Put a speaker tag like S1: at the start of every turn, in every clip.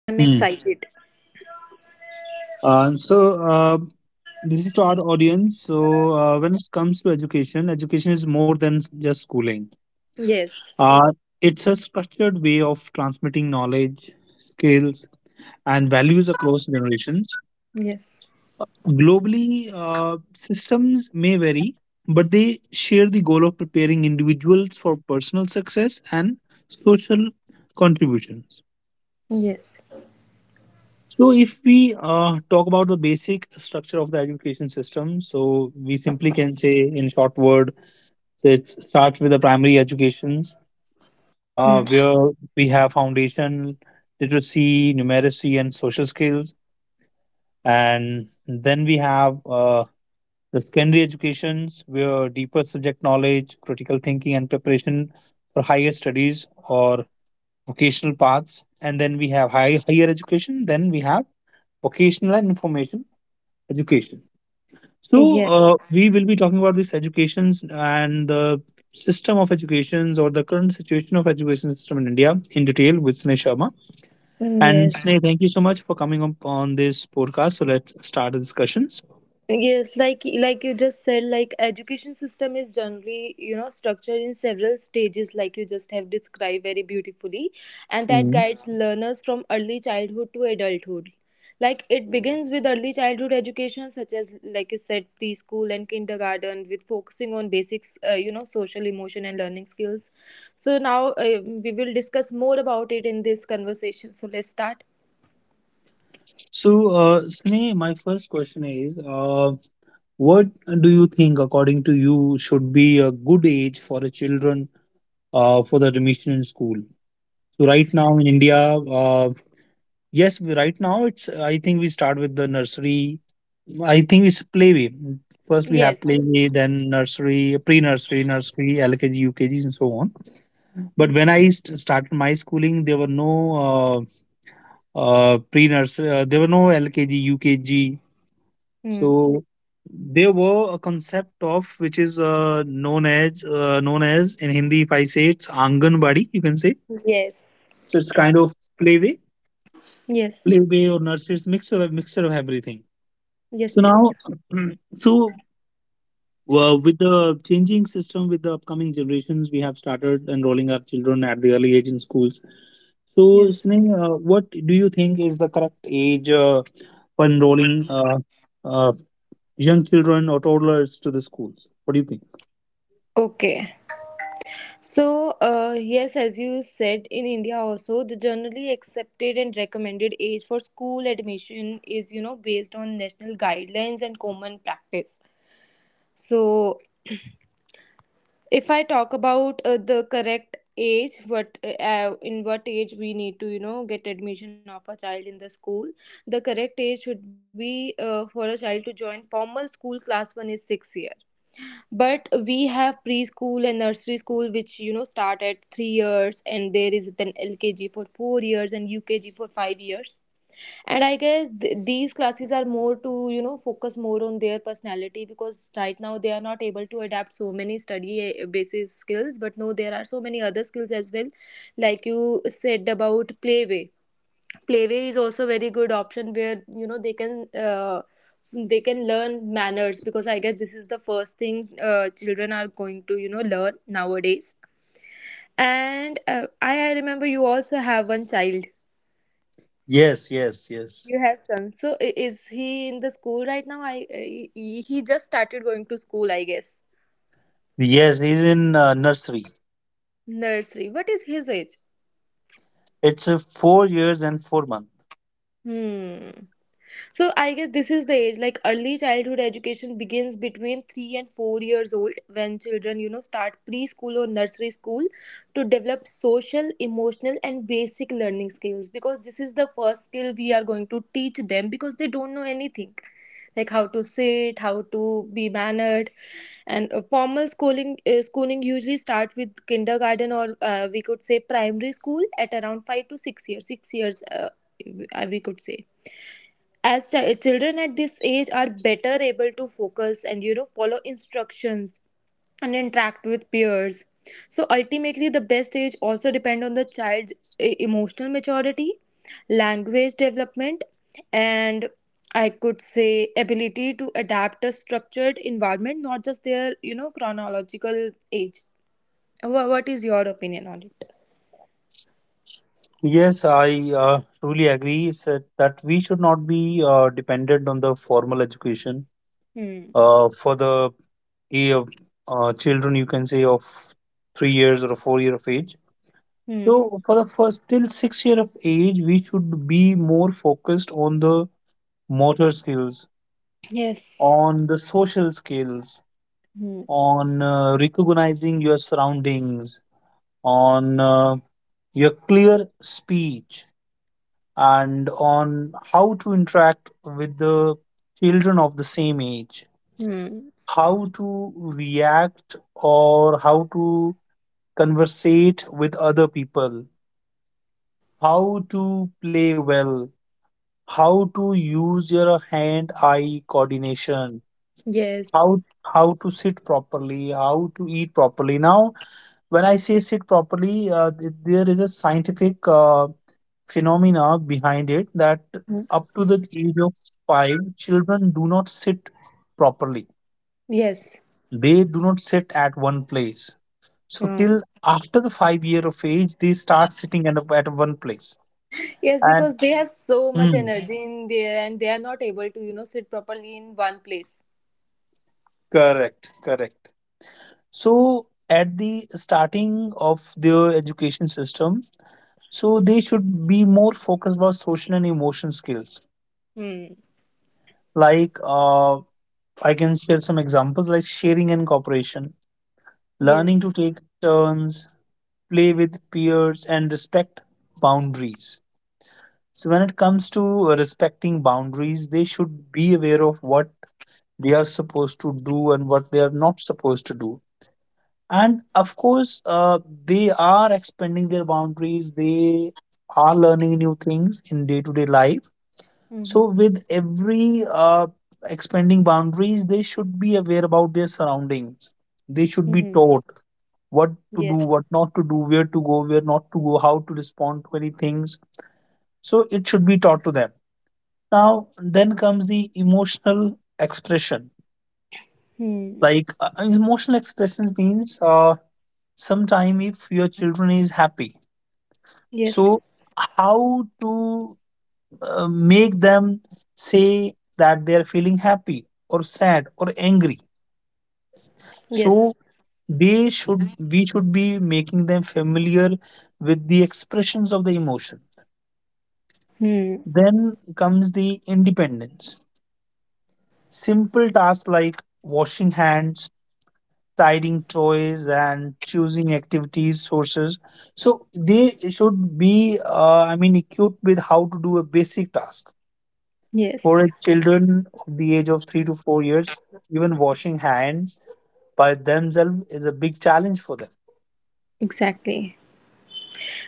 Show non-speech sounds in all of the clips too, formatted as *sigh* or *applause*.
S1: So I'm
S2: Hmm.
S1: excited.
S2: Uh, so uh, this is to our audience. When it comes to education, education is more than just schooling.
S1: Yes.
S2: Uh, it's a structured way of transmitting knowledge, skills, and values across generations.
S1: Yes.
S2: Globally, systems may vary, but they share the goal of preparing individuals for personal success and social contributions.
S1: Yes.
S2: So, if we talk about the basic structure of the education system, so we simply can say in short word, so it starts with the primary educations
S1: Hmm.
S2: where we have foundation literacy, numeracy, and social skills. And then we have the secondary educations, where deeper subject knowledge, critical thinking, and preparation for higher studies or vocational paths. And then we have higher education. Then we have vocational and information education. So
S1: Yes.
S2: we will be talking about these educations and the system of educations or the current situation of education system in India in detail with Sneh Sharma.
S1: Hmm.
S2: And
S1: Yes.
S2: Sneh, thank you so much for coming up on this podcast. So let's start the discussions.
S1: Yes, like you just said, like education system is generally, you know, structured in several stages, like you just have described very beautifully, and that
S2: Mm.
S1: guides, yeah, learners from early childhood to adulthood. Like it begins with early childhood education, such as like you said, preschool and kindergarten, with focusing on basics, you know, social, emotion, and learning skills. So now uh, we will discuss more about it in this conversation. So let's start.
S2: So, Sneh, my first question is, what do you think, according to you, should be a good age for the children for the admission in school? So, right now in India, yes, we- right now it's. I think we start with the nursery. I think it's playway. First, we have
S1: Yes.
S2: playway, then nursery, pre-nursery, nursery, LKG, UKGs, and so on. But when I started my schooling, there were no there were no LKG, UKG.
S1: Mm.
S2: So there were a concept of which is known as in Hindi, if I say it's Anganwadi, you can say.
S1: Yes.
S2: So it's kind of playway,
S1: Yes.
S2: playway or nursery, mixture of everything.
S1: Yes.
S2: So
S1: Yes.
S2: now, *clears throat* so well, with the changing system, with the upcoming generations, we have started enrolling our children at the early age in schools. So,
S1: Yes.
S2: Sneh, what do you think is the correct age for enrolling uh, young children or toddlers to the schools? What do you think?
S1: Okay. So, yes, as you said, in India also, the generally accepted and recommended age for school admission is, you know, based on national guidelines and common practice. So, if I talk about the correct age, what in what age we need to, you know, get admission of a child in the school, the correct age should be for a child to join formal school class one is 6 years, but we have preschool and nursery school which, you know, start at 3 years, and there is then LKG for 4 years and UKG for 5 years. And I guess these classes are more to, you know, focus more on their personality, because right now they are not able to adapt so many study, basis skills, but no, there are so many other skills as well, like you said about playway. Playway is also very good option, where, you know, they can learn manners, because I guess this is the first thing children are going to, you know, learn nowadays. And I remember you also have one child.
S2: Yes, yes, yes.
S1: You have son. So is he in the school right now? I, he just started going to school, I guess.
S2: Yes, he's in nursery.
S1: Nursery. What is his age?
S2: It's 4 years and 4 months.
S1: Hmm. So I guess this is the age, like early childhood education begins between 3 and 4 years old, when children, you know, start preschool or nursery school to develop social, emotional, and basic learning skills, because this is the first skill we are going to teach them, because they don't know anything, like how to sit, how to be mannered. And formal schooling usually start with kindergarten, or we could say primary school at around 5 to 6 years, 6 years, we could say, as children at this age are better able to focus and, you know, follow instructions and interact with peers. So ultimately the best age also depend on the child's emotional maturity, language development, and, I could say, ability to adapt a structured environment, not just their, you know, chronological age. What is your opinion on it?
S2: Yes, I truly agree that we should not be dependent on the formal education
S1: Hmm.
S2: for the eh, uh, children, you can say, of 3 years or 4 year of age,
S1: Hmm.
S2: so for the first till 6 year of age we should be more focused on the motor skills,
S1: Yes.
S2: on the social skills,
S1: Hmm.
S2: on recognizing your surroundings, on your clear speech, and on how to interact with the children of the same age,
S1: Hmm.
S2: how to react, or how to conversate with other people, how to play well, how to use your hand-eye coordination,
S1: Yes.
S2: how to sit properly, how to eat properly. Now, when I say sit properly, there is a scientific phenomena behind it that
S1: Hmm.
S2: up to the age of 5, children do not sit properly.
S1: Yes.
S2: They do not sit at one place. So
S1: Hmm.
S2: till after the 5 year of age, they start sitting at, at one place
S1: Yes,
S2: and.
S1: because they have so much
S2: Mm,
S1: energy in there and they are not able to, you know, sit properly in one place.
S2: correct, correct. So at the starting of their education system, so they should be more focused about social and emotion skills.
S1: Hmm.
S2: Like I can share some examples like sharing and cooperation,
S1: Yes.
S2: learning to take turns, play with peers, and respect boundaries. So when it comes to respecting boundaries, they should be aware of what they are supposed to do and what they are not supposed to do, and of course they are expanding their boundaries, they are learning new things in day-to-day life,
S1: Mm-hmm.
S2: so with every expanding boundaries they should be aware about their surroundings, they should
S1: Mm-hmm.
S2: be taught what
S1: Yes.
S2: to do, what not to do, where to go, where not to go, how to respond to any things, so it should be taught to them. Now then comes the emotional expression.
S1: Hmm.
S2: Like emotional expressions means sometime if your children is happy.
S1: Yes.
S2: So, how to make them say that they are feeling happy or sad or angry?
S1: Yes.
S2: So they should we should be making them familiar with the expressions of the emotion.
S1: Hmm.
S2: Then comes the independence. Simple tasks like washing hands, tidying toys, and choosing activities sources. So they should be, I mean, equipped with how to do a basic task.
S1: Yes.
S2: For children of the age of 3 to 4 years, even washing hands by themselves is a big challenge for them.
S1: Exactly.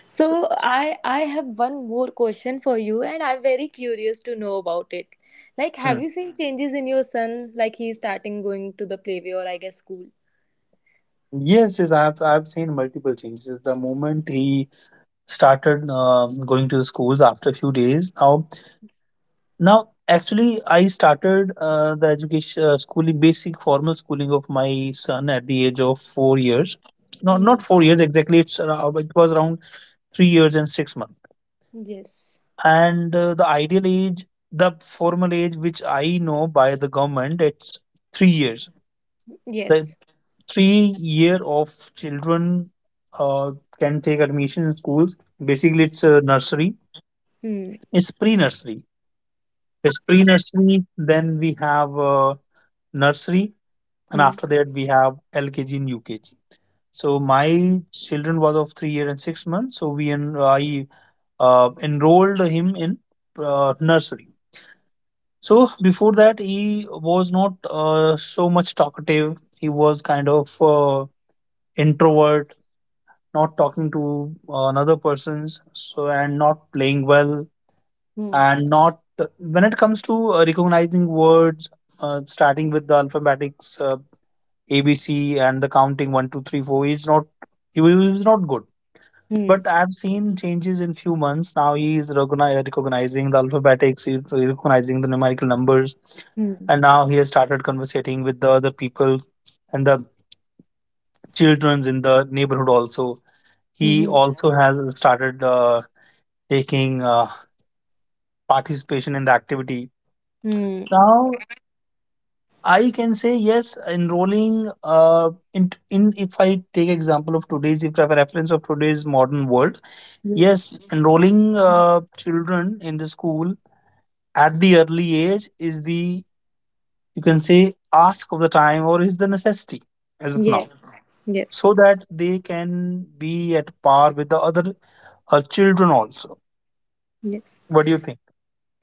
S1: So I have one more question for you and I'm very curious to know about it. Like, have
S2: Hmm.
S1: you seen changes in your son, like he's starting going to the playway, or I guess school?
S2: Yes, yes, I've seen multiple changes. The moment he started going to the schools after a few days, now actually I started the education schooling, basic formal schooling of my son at the age of 4 years. Not
S1: Hmm.
S2: 4 years exactly. It's around, it was around 3 years and 6 months.
S1: Yes.
S2: And the ideal age, the formal age which I know by the government, it's 3 years. The
S1: Yes.
S2: 3 year of children uh, can take admission in schools. Basically it's a nursery.
S1: Hmm.
S2: It's pre-nursery it's pre-nursery. Then we have nursery, and
S1: Hmm.
S2: after that we have LKG and UKG. So my children was of 3 year and 6 months. So I enrolled him in nursery. So before that, he was not so much talkative. He was kind of introvert, not talking to another persons. So, and not playing well,
S1: Hmm.
S2: and not when it comes to recognizing words, starting with the alphabetics, ABC, and the counting one, two, three, four. He was not good.
S1: Hmm.
S2: But I've seen changes in few months. Now he is recognizing the alphabetics, he's recognizing the numerical numbers,
S1: Hmm.
S2: and now he has started conversating with the other people and the childrens in the neighborhood also. He
S1: Hmm.
S2: also has started taking participation in the activity.
S1: Hmm.
S2: Now I can say yes, enrolling in if I take example of today's, if I have a reference of today's modern world,
S1: Yes.
S2: yes, enrolling children in the school at the early age is the, you can say, ask of the time or is the necessity as of now,
S1: Yes. Yes.
S2: so that they can be at par with the other her children also.
S1: Yes.
S2: What do you think?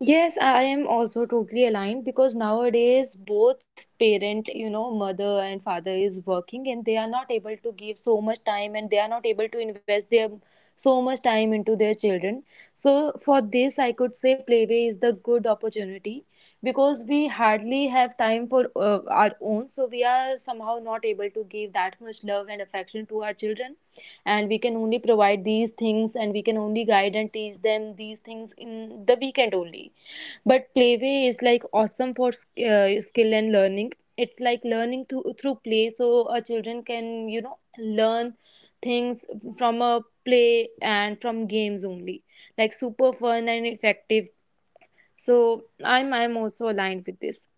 S1: Yes, I am also totally aligned, because nowadays both parent, you know, mother and father is working, and they are not able to give so much time, and they are not able to invest their so much time into their children. So for this, I could say Playway is the good opportunity, because we hardly have time for our own. So we are somehow not able to give that much love and affection to our children, and we can only provide these things and we can only guide and teach them these things in the weekend only. But playway is like awesome for skill and learning. It's like learning through play, so children can, you know, learn things from a play and from games only. Like super fun and effective. So I'm also aligned with this.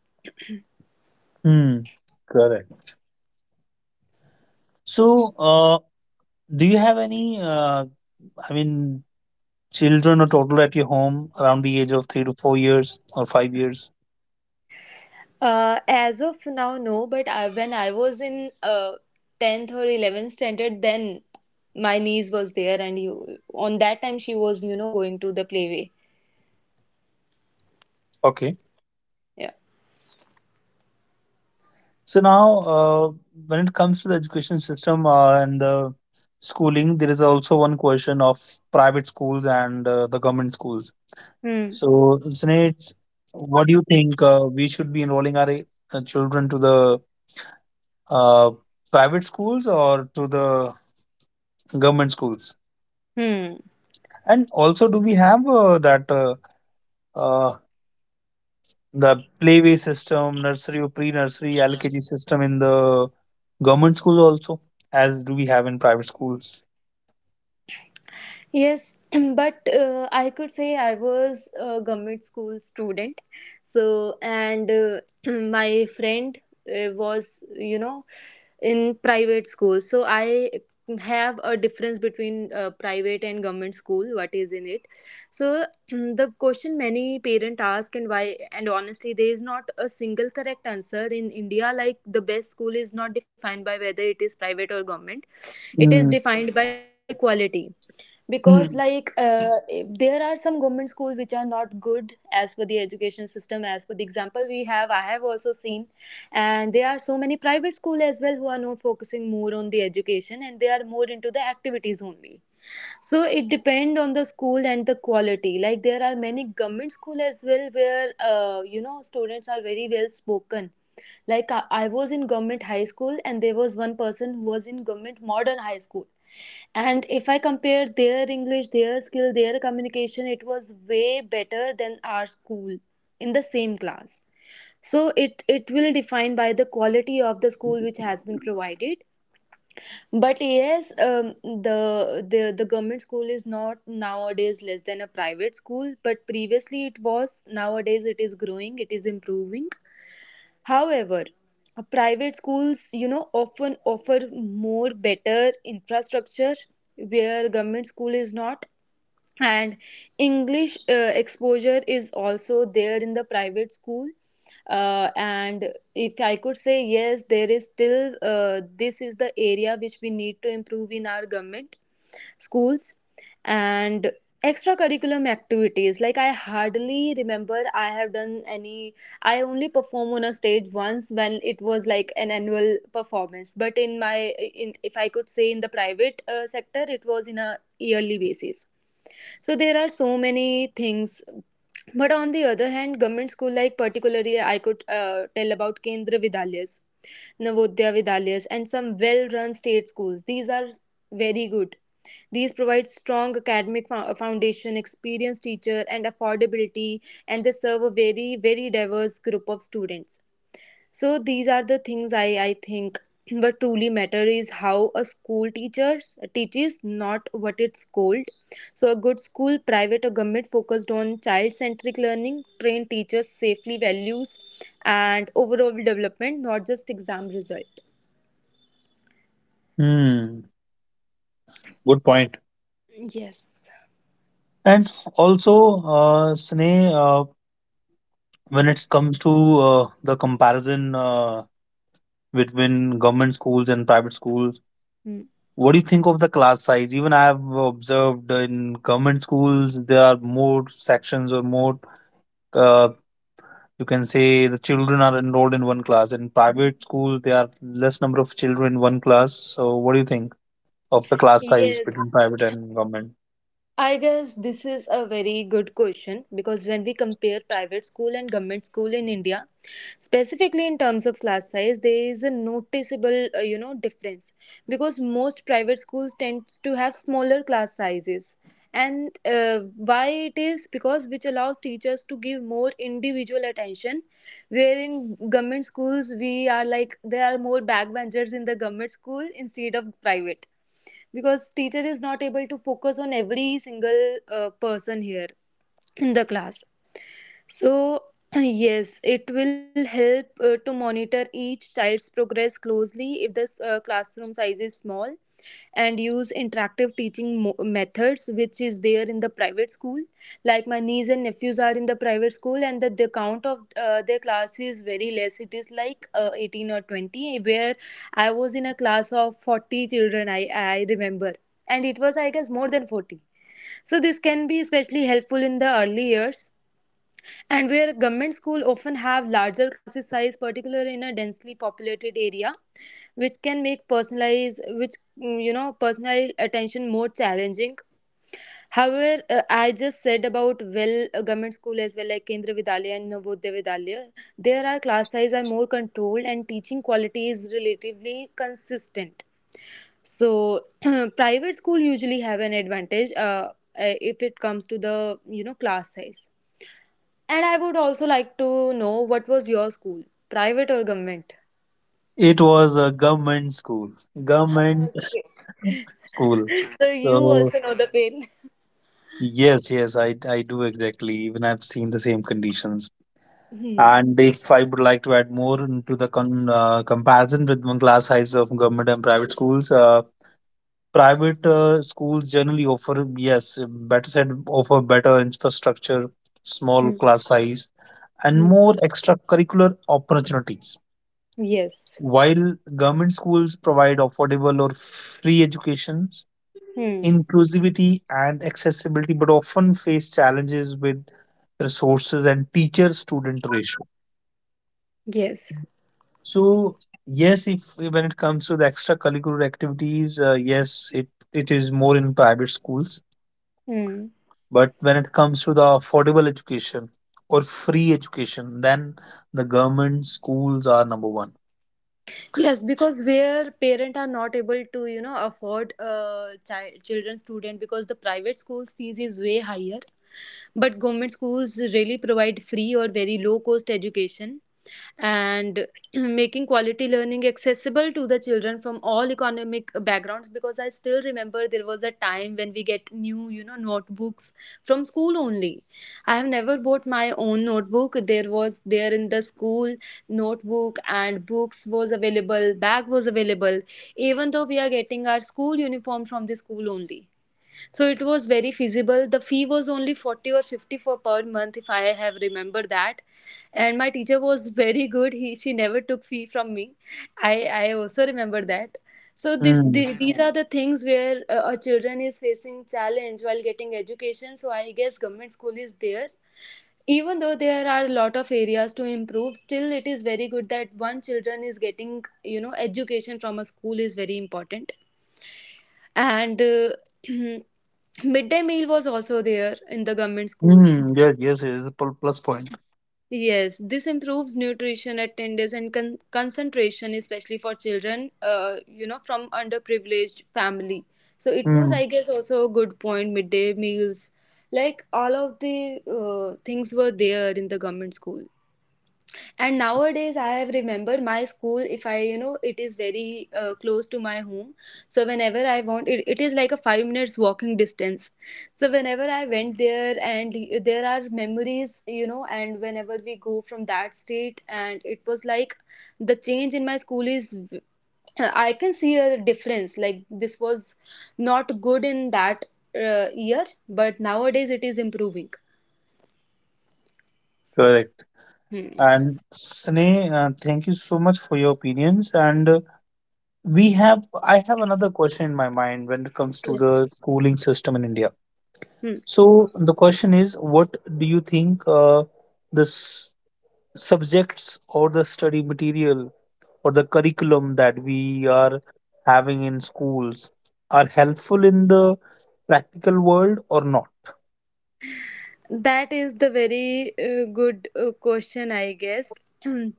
S2: Hmm. Correct. So do you have any i mean children or toddler at your home around the age of 3 to 4 years or 5 years?
S1: As of now, no. But I, when I was in 10th or 11th standard, then my niece was there, and you on that time she was, you know, going to the playway.
S2: Okay.
S1: Yeah.
S2: So now, when it comes to the education system and the schooling, there is also one question of private schools and the government schools.
S1: Hmm.
S2: So, Sneh, what do you think we should be enrolling our children to the uh, private schools or to the government schools?
S1: Hmm.
S2: And also, do we have that uh, the playway system, nursery or pre-nursery, LKG system in the government schools also, as do we have in private schools?
S1: Yes, *clears throat* but I could say I was a government school student. So, and *clears throat* my friend was, you know, in private school. So, I have a difference between private and government school, what is in it. So, *clears throat* the question many parents ask, and why, and honestly, there is not a single correct answer in India. Like, the best school is not defined by whether it is private or government, it is
S2: Mm.
S1: defined by quality, because like
S2: Mm.
S1: there are some government schools which are not good as per the education system, as per the example we have, I have also seen. And there are so many private school as well who are not focusing more on the education, and they are more into the activities only. So it depend on the school and the quality. Like there are many government school as well where you know, students are very well spoken, like I was in government high school, and there was one person who was in government modern high school, and if I compare their English, their skill, their communication, it was way better than our school in the same class. So it will define by the quality of the school which has been provided. But yes, the government school is not nowadays less than a private school. But previously it was. Nowadays it is growing. It is improving. However, private schools, you know, often offer more better infrastructure, where government school is not, and English exposure is also there in the private school. And if I could say yes, there is still this is the area which we need to improve in our government schools. And extracurriculum activities, like I hardly remember I have done any. I only perform on a stage once, when it was like an annual performance, but in my, in, if I could say, in the private sector, it was in a yearly basis. So there are so many things, but on the other hand, government school, like particularly I could tell about Kendra Vidyalayas, Navodaya Vidyalayas, and some well run state schools, these are very good. These provide strong academic foundation, experienced teacher, and affordability, and they serve a very, very diverse group of students. So these are the things. I think what truly matter is how a school teachers teaches, not what it's called. So a good school, private or government, focused on child-centric learning, trained teachers, safely values, and overall development, not just exam result.
S2: Mm, good point.
S1: Yes.
S2: And also, Sneh, when it comes to the comparison between government schools and private schools,
S1: Hmm.
S2: what do you think of the class size? Even I have observed in government schools, there are more sections or more, uh, you can say, the children are enrolled in one class. In private schools, there are less number of children in one class. So, what do you think of the class size between
S1: Yes.
S2: private and government?
S1: I guess this is a very good question, because when we compare private school and government school in India, specifically in terms of class size, there is a noticeable, you know, difference, because most private schools tend to have smaller class sizes. And why it is because which allows teachers to give more individual attention, where in government schools we are like there are more backbenchers in the government school instead of private, because teacher is not able to focus on every single person here in the class. So, *laughs* *clears throat* yes, it will help to monitor each child's progress closely if the classroom size is small, and use interactive teaching methods, which is there in the private school. Like my niece and nephews are in the private school, and the count of their class is very less. It is like 18 or 20, where I was in a class of 40 children, I remember, and it was I guess more than 40. So this can be especially helpful in the early years. And where government school often have larger classes size, particularly in a densely populated area, which can make personalized, which, mm, you know, personalized attention more challenging. However, I just said about well government school as well, like Kendra Vidyalaya and Navodaya Vidyalaya, there are class size are more controlled and teaching quality is relatively consistent. So *clears throat* private school usually have an advantage if it comes to the, you know, class size. And I would also like to know what was your school, private or government?
S2: It was a government school, government
S1: Okay.
S2: *laughs* school.
S1: *laughs* so you
S2: So
S1: also know the pain.
S2: yes, yes, I do exactly. Even I've seen the same conditions.
S1: Hmm.
S2: And if I would like to add more into the con comparison with the class size of government and private schools generally offer, yes, better said, offer better infrastructure, small
S1: Hmm,
S2: class size, and
S1: hmm.
S2: more extracurricular opportunities.
S1: Yes.
S2: While government schools provide affordable or free education,
S1: Hmm.
S2: inclusivity and accessibility, but often face challenges with resources and teacher student ratio.
S1: Yes.
S2: So, yes, if when it comes to the extracurricular activities, yes, it is more in private schools,
S1: Hmm.
S2: but when it comes to the affordable education or free education, then the government schools are number one.
S1: Yes, because where parents are not able to, you know, afford children student because the private schools fees is way higher, but government schools really provide free or very low cost education and *clears throat* making quality learning accessible to the children from all economic backgrounds. Because I still remember there was a time when we get new, you know, notebooks from school only. I have never bought my own notebook. There was there in the school notebook, and books was available, bag was available, even though we are getting our school uniform from the school only. So it was very feasible. The fee was only 40 or 50 for per month, if I have remember that. And my teacher was very good. He she never took fee from me. I I also remember that. So
S2: Mm.
S1: these are the things where a children is facing challenge while getting education. So I guess government school is there. Even though there are a lot of areas to improve, still it is very good that one children is getting, you know, education from a school is very important. And *clears throat* Midday meal was also there in the government schools.
S2: Mm. Yes, yes, it is a plus point.
S1: Yes, this improves nutrition, attendance, and concentration, especially for children, you know, from underprivileged family. So it was,
S2: Mm.
S1: I guess, also a good point, midday meals. Like all of the things were there in the government school. And nowadays I have remember my school, if I, you know, it is very close to my home, so whenever I want it, it is like a 5 minutes walking distance. So whenever I went there, and there are memories, you know, and whenever we go from that street, and it was like the change in my school is I can see a difference. Like this was not good in that year, but nowadays it is improving.
S2: Correct.
S1: Hmm.
S2: And Sneh, thank you so much for your opinions. And we have I have another question in my mind when it comes to
S1: Yes.
S2: the schooling system in India.
S1: Hmm.
S2: So the question is, what do you think, the subjects or the study material or the curriculum that we are having in schools, are helpful in the practical world or not?
S1: That is the very good question, I guess. *clears throat* And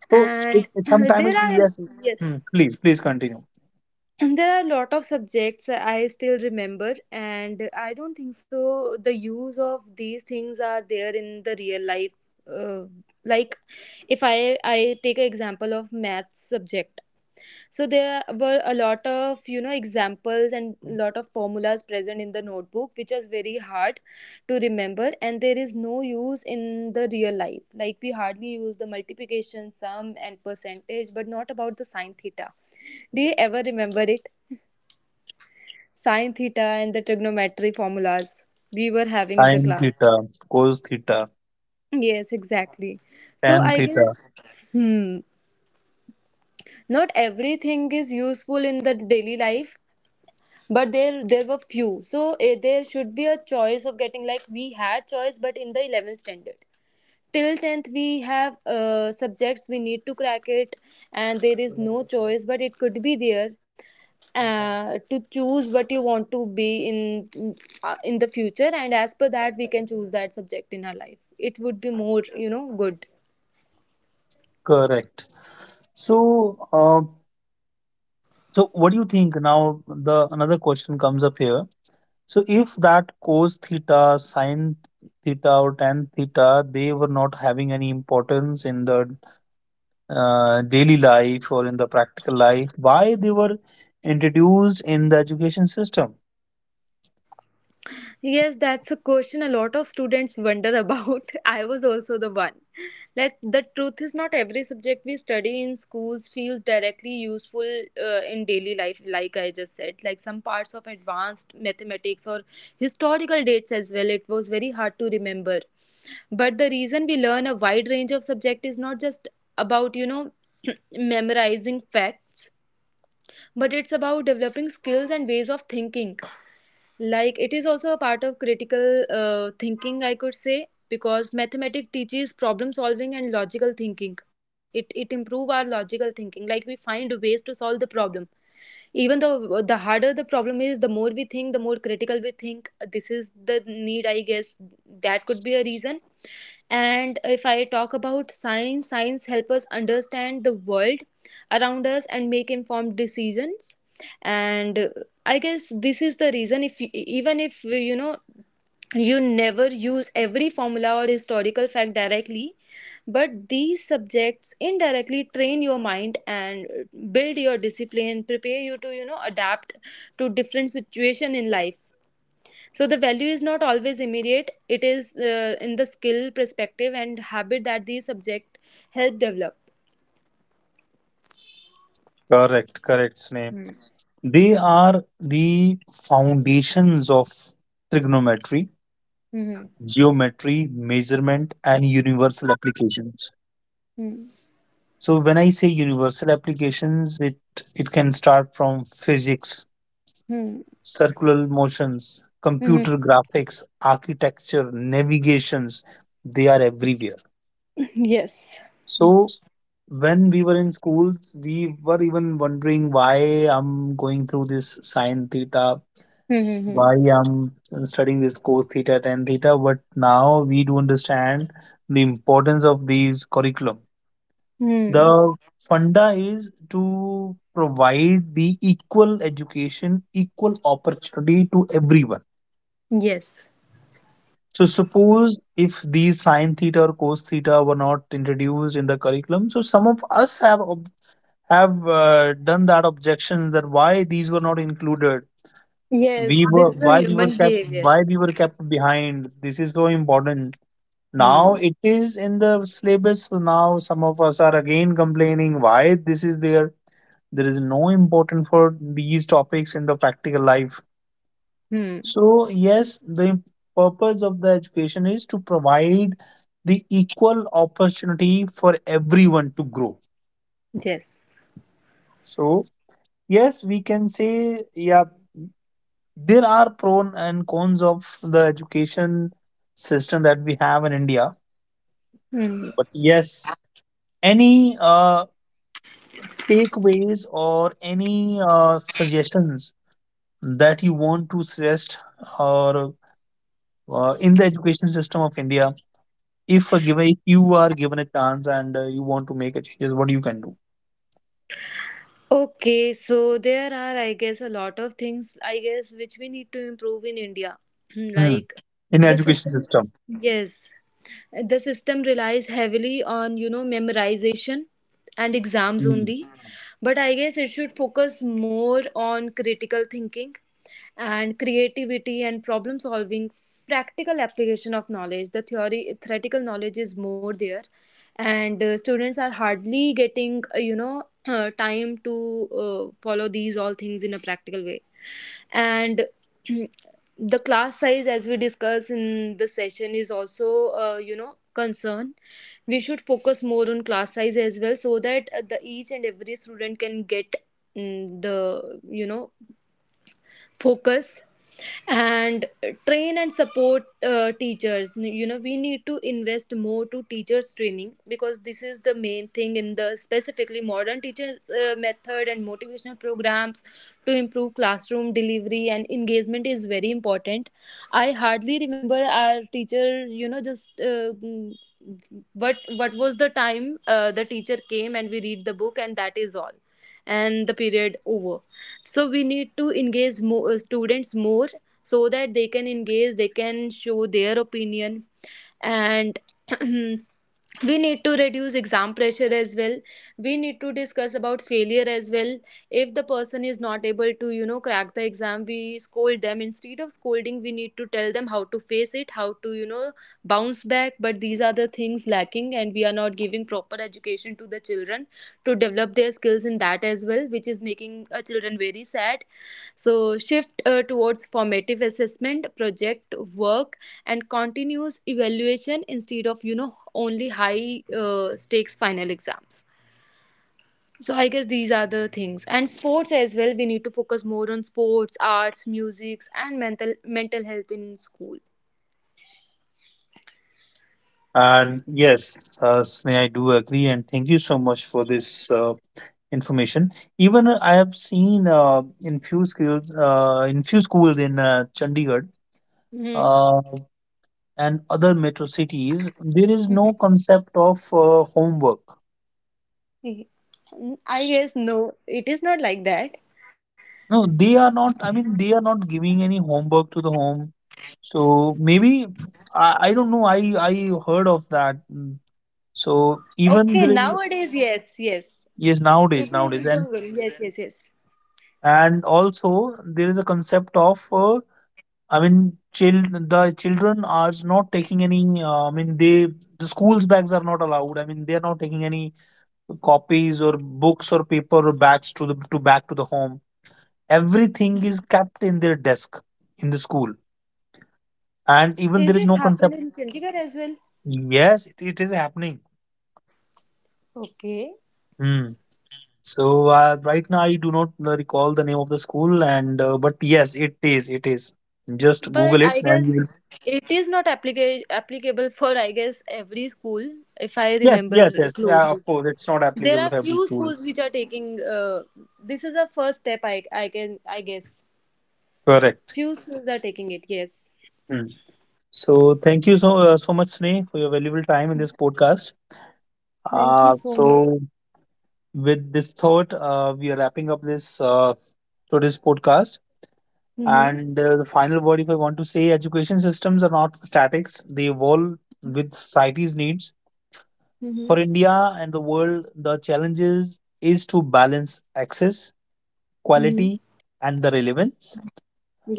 S2: So it,
S1: *clears throat*
S2: sometimes
S1: there are,
S2: yes.
S1: yes,
S2: Hmm, please continue.
S1: and there are a lot of subjects that I still remember, and I don't think so. The use of these things are there in the real life. Uh, like, if I take an example of math subject, so there were a lot of, you know, examples and lot of formulas present in the notebook, which was very hard to remember, and there is no use in the real life. Like we hardly use the multiplication, sum, and percentage, but not about the sine theta. Do you ever remember it? Sine theta and the trigonometry formulas we were having in the
S2: Sine
S1: class.
S2: theta, cos theta,
S1: Yes, exactly. So
S2: tan
S1: I
S2: theta.
S1: guess, hmm, not everything is useful in the daily life. But there were few. So there should be a choice of getting, like we had choice, but in the 11th standard. Till 10th we have subjects we need to crack it, and there is no choice, but it could be there to choose what you want to be in the future, and as per that we can choose that subject in our life. It would be more, you know, good.
S2: Correct. so uh, So what do you think now? The another question comes up here. So if that cos theta, sine theta, or tan theta, they were not having any importance in the daily life or in the practical life, why they were introduced in the education system?
S1: Yes, that's a question a lot of students wonder about. *laughs* I was also the one. Like, the truth is, not every subject we study in schools feels directly useful in daily life, like I just said. Like, some parts of advanced mathematics or historical dates as well, it was very hard to remember. But the reason we learn a wide range of subject is not just about, you know, *clears throat* memorizing facts, but it's about developing skills and ways of thinking. Like it is also a part of critical thinking, I could say, because mathematics teaches problem solving and logical thinking. It improve our logical thinking, like we find ways to solve the problem. Even though the harder the problem is, the more we think, the more critical we think, this is the need, I guess. That could be a reason. And if I talk about science, science help us understand the world around us and make informed decisions. And I guess this is the reason. If you, even if you know, you never use every formula or historical fact directly, but these subjects indirectly train your mind and build your discipline, prepare you to, you know, adapt to different situation in life. So the value is not always immediate. It is in the skill, perspective, and habit that the subject help develop.
S2: Correct, correct, Sneh. They are the foundations of trigonometry, geometry, measurement, and universal applications. So when I say universal applications, it can start from physics,
S1: Hmm.
S2: circular motions, computer
S1: Hmm.
S2: graphics, architecture, navigations. They are everywhere.
S1: Yes.
S2: So when we were in schools, we were even wondering why I'm going through this sine theta,
S1: Mm-hmm. Hmm.
S2: why I'm studying this cos theta, tan theta. But now we do understand the importance of these curriculum.
S1: Hmm. Hmm.
S2: The funda is to provide the equal education, equal opportunity to everyone.
S1: Yes.
S2: So suppose if these sine theta or cos theta were not introduced in the curriculum, so some of us have have done that objection that why these were not included.
S1: Yes,
S2: We were,
S1: this is a
S2: why we were
S1: human
S2: kept,
S1: behavior.
S2: why we were kept behind. This is so important. Now
S1: Hmm.
S2: it is in the syllabus. So now some of us are again complaining why this is there. There is no importance for these topics in the practical life.
S1: Hmm.
S2: So yes, the purpose of the education is to provide the equal opportunity for everyone to grow.
S1: Yes.
S2: So yes, we can say, yeah, there are pros and cons of the education system that we have in India.
S1: Hmm.
S2: But yes, any takeaways or any suggestions that you want to suggest, or in the education system of India, if you are given a chance and you want to make a changes, what you can do?
S1: Okay, so there are, I guess, a lot of things, I guess, which we need to improve in India. *clears throat*
S2: Hmm,
S1: Like
S2: in
S1: the
S2: education
S1: system.
S2: system.
S1: Yes. The system relies heavily on, you know, memorization and exams
S2: Hmm.
S1: only. But I guess it should focus more on critical thinking and creativity and problem solving, practical application of knowledge. The theory theoretical knowledge is more there, and students are hardly getting you know, time to follow these all things in a practical way. And *clears throat* the class size, as we discussed in the session, is also you know, concern. We should focus more on class size as well, so that the each and every student can get mm, the, you know, focus. And train and support teachers, you know, we need to invest more to teachers training, because this is the main thing. In the specifically modern teachers method and motivational programs to improve classroom delivery and engagement is very important. I hardly remember our teacher, you know, just mm, what was the time the teacher came and we read the book, and that is all, and the period over. So we need to engage more students more, so that they can engage, they can show their opinion. And *clears throat* we need to reduce exam pressure as well. We need to discuss about failure as well. If the person is not able to, you know, crack the exam, we scold them. Instead of scolding, we need to tell them how to face it, how to, you know, bounce back. But these are the things lacking, and we are not giving proper education to the children to develop their skills in that as well, which is making children very sad. So, shift towards formative assessment, project work, and continuous evaluation instead of, you know, only high stakes final exams. So, I guess these are the things. And sports as well, we need to focus more on sports, arts, music, and mental health in school.
S2: And yes, Sneha, I do agree, and thank you so much for this information. Even I have seen in few skills in few schools in Chandigarh.
S1: Hmm.
S2: Uh, and other metro cities, there is no concept of homework.
S1: Mm-hmm. I
S2: S-
S1: guess no, it is not like that.
S2: No, they are not. I mean, they are not giving any homework to the home. So maybe I don't know. I heard of that. Mm. So even
S1: Okay,
S2: there is,
S1: nowadays, yes, yes.
S2: yes, nowadays
S1: It
S2: nowadays
S1: is going well. Yes, yes, yes.
S2: and also there is a concept of I mean, child the children are not taking any I mean, they, the school's bags are not allowed. I mean, they are not taking any copies or books or paper or bags to the to back to the home. Everything is kept in their desk in the school, and even
S1: Is
S2: there is
S1: it
S2: no
S1: happened
S2: concept.
S1: in Chandigarh as well?
S2: Yes, it is happening.
S1: Okay.
S2: Hmm. So right now I do not recall the name of the school, and but yes, it is. It is. Just Google
S1: But
S2: it,
S1: I
S2: and you will.
S1: guess it is not applicable for, I guess, every school, if I
S2: Yes, yes,
S1: remember
S2: yes. Yeah,
S1: closely.
S2: of course, it's not
S1: There
S2: applicable
S1: are
S2: for every
S1: few
S2: school.
S1: schools which are taking this is a first step. I can I guess
S2: Correct.
S1: few schools are taking it. Yes.
S2: Hmm. So thank you so so much, Sneh, for your valuable time in this podcast.
S1: Thank you so much.
S2: So with this thought, we are wrapping up this today's podcast.
S1: Mm-hmm.
S2: And the final word, if I want to say, education systems are not statics; they evolve with society's needs.
S1: Mm-hmm.
S2: For India and the world, the challenges is to balance access,
S1: Mm-hmm.
S2: quality, and the relevance.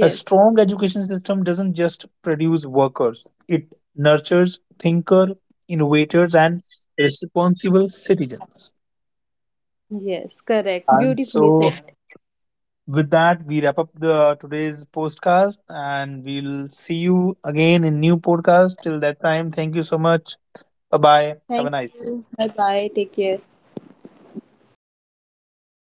S2: A strong education system doesn't just produce workers, it nurtures thinkers, innovators, and responsible citizens.
S1: Yes. Correct.
S2: And
S1: Beautifully
S2: so,
S1: said.
S2: with that, we wrap up the today's podcast, and we'll see you again in new podcast. Till that time, thank you so much. Bye bye. Have
S1: Thank
S2: a nice day.
S1: you. Bye bye. Take care.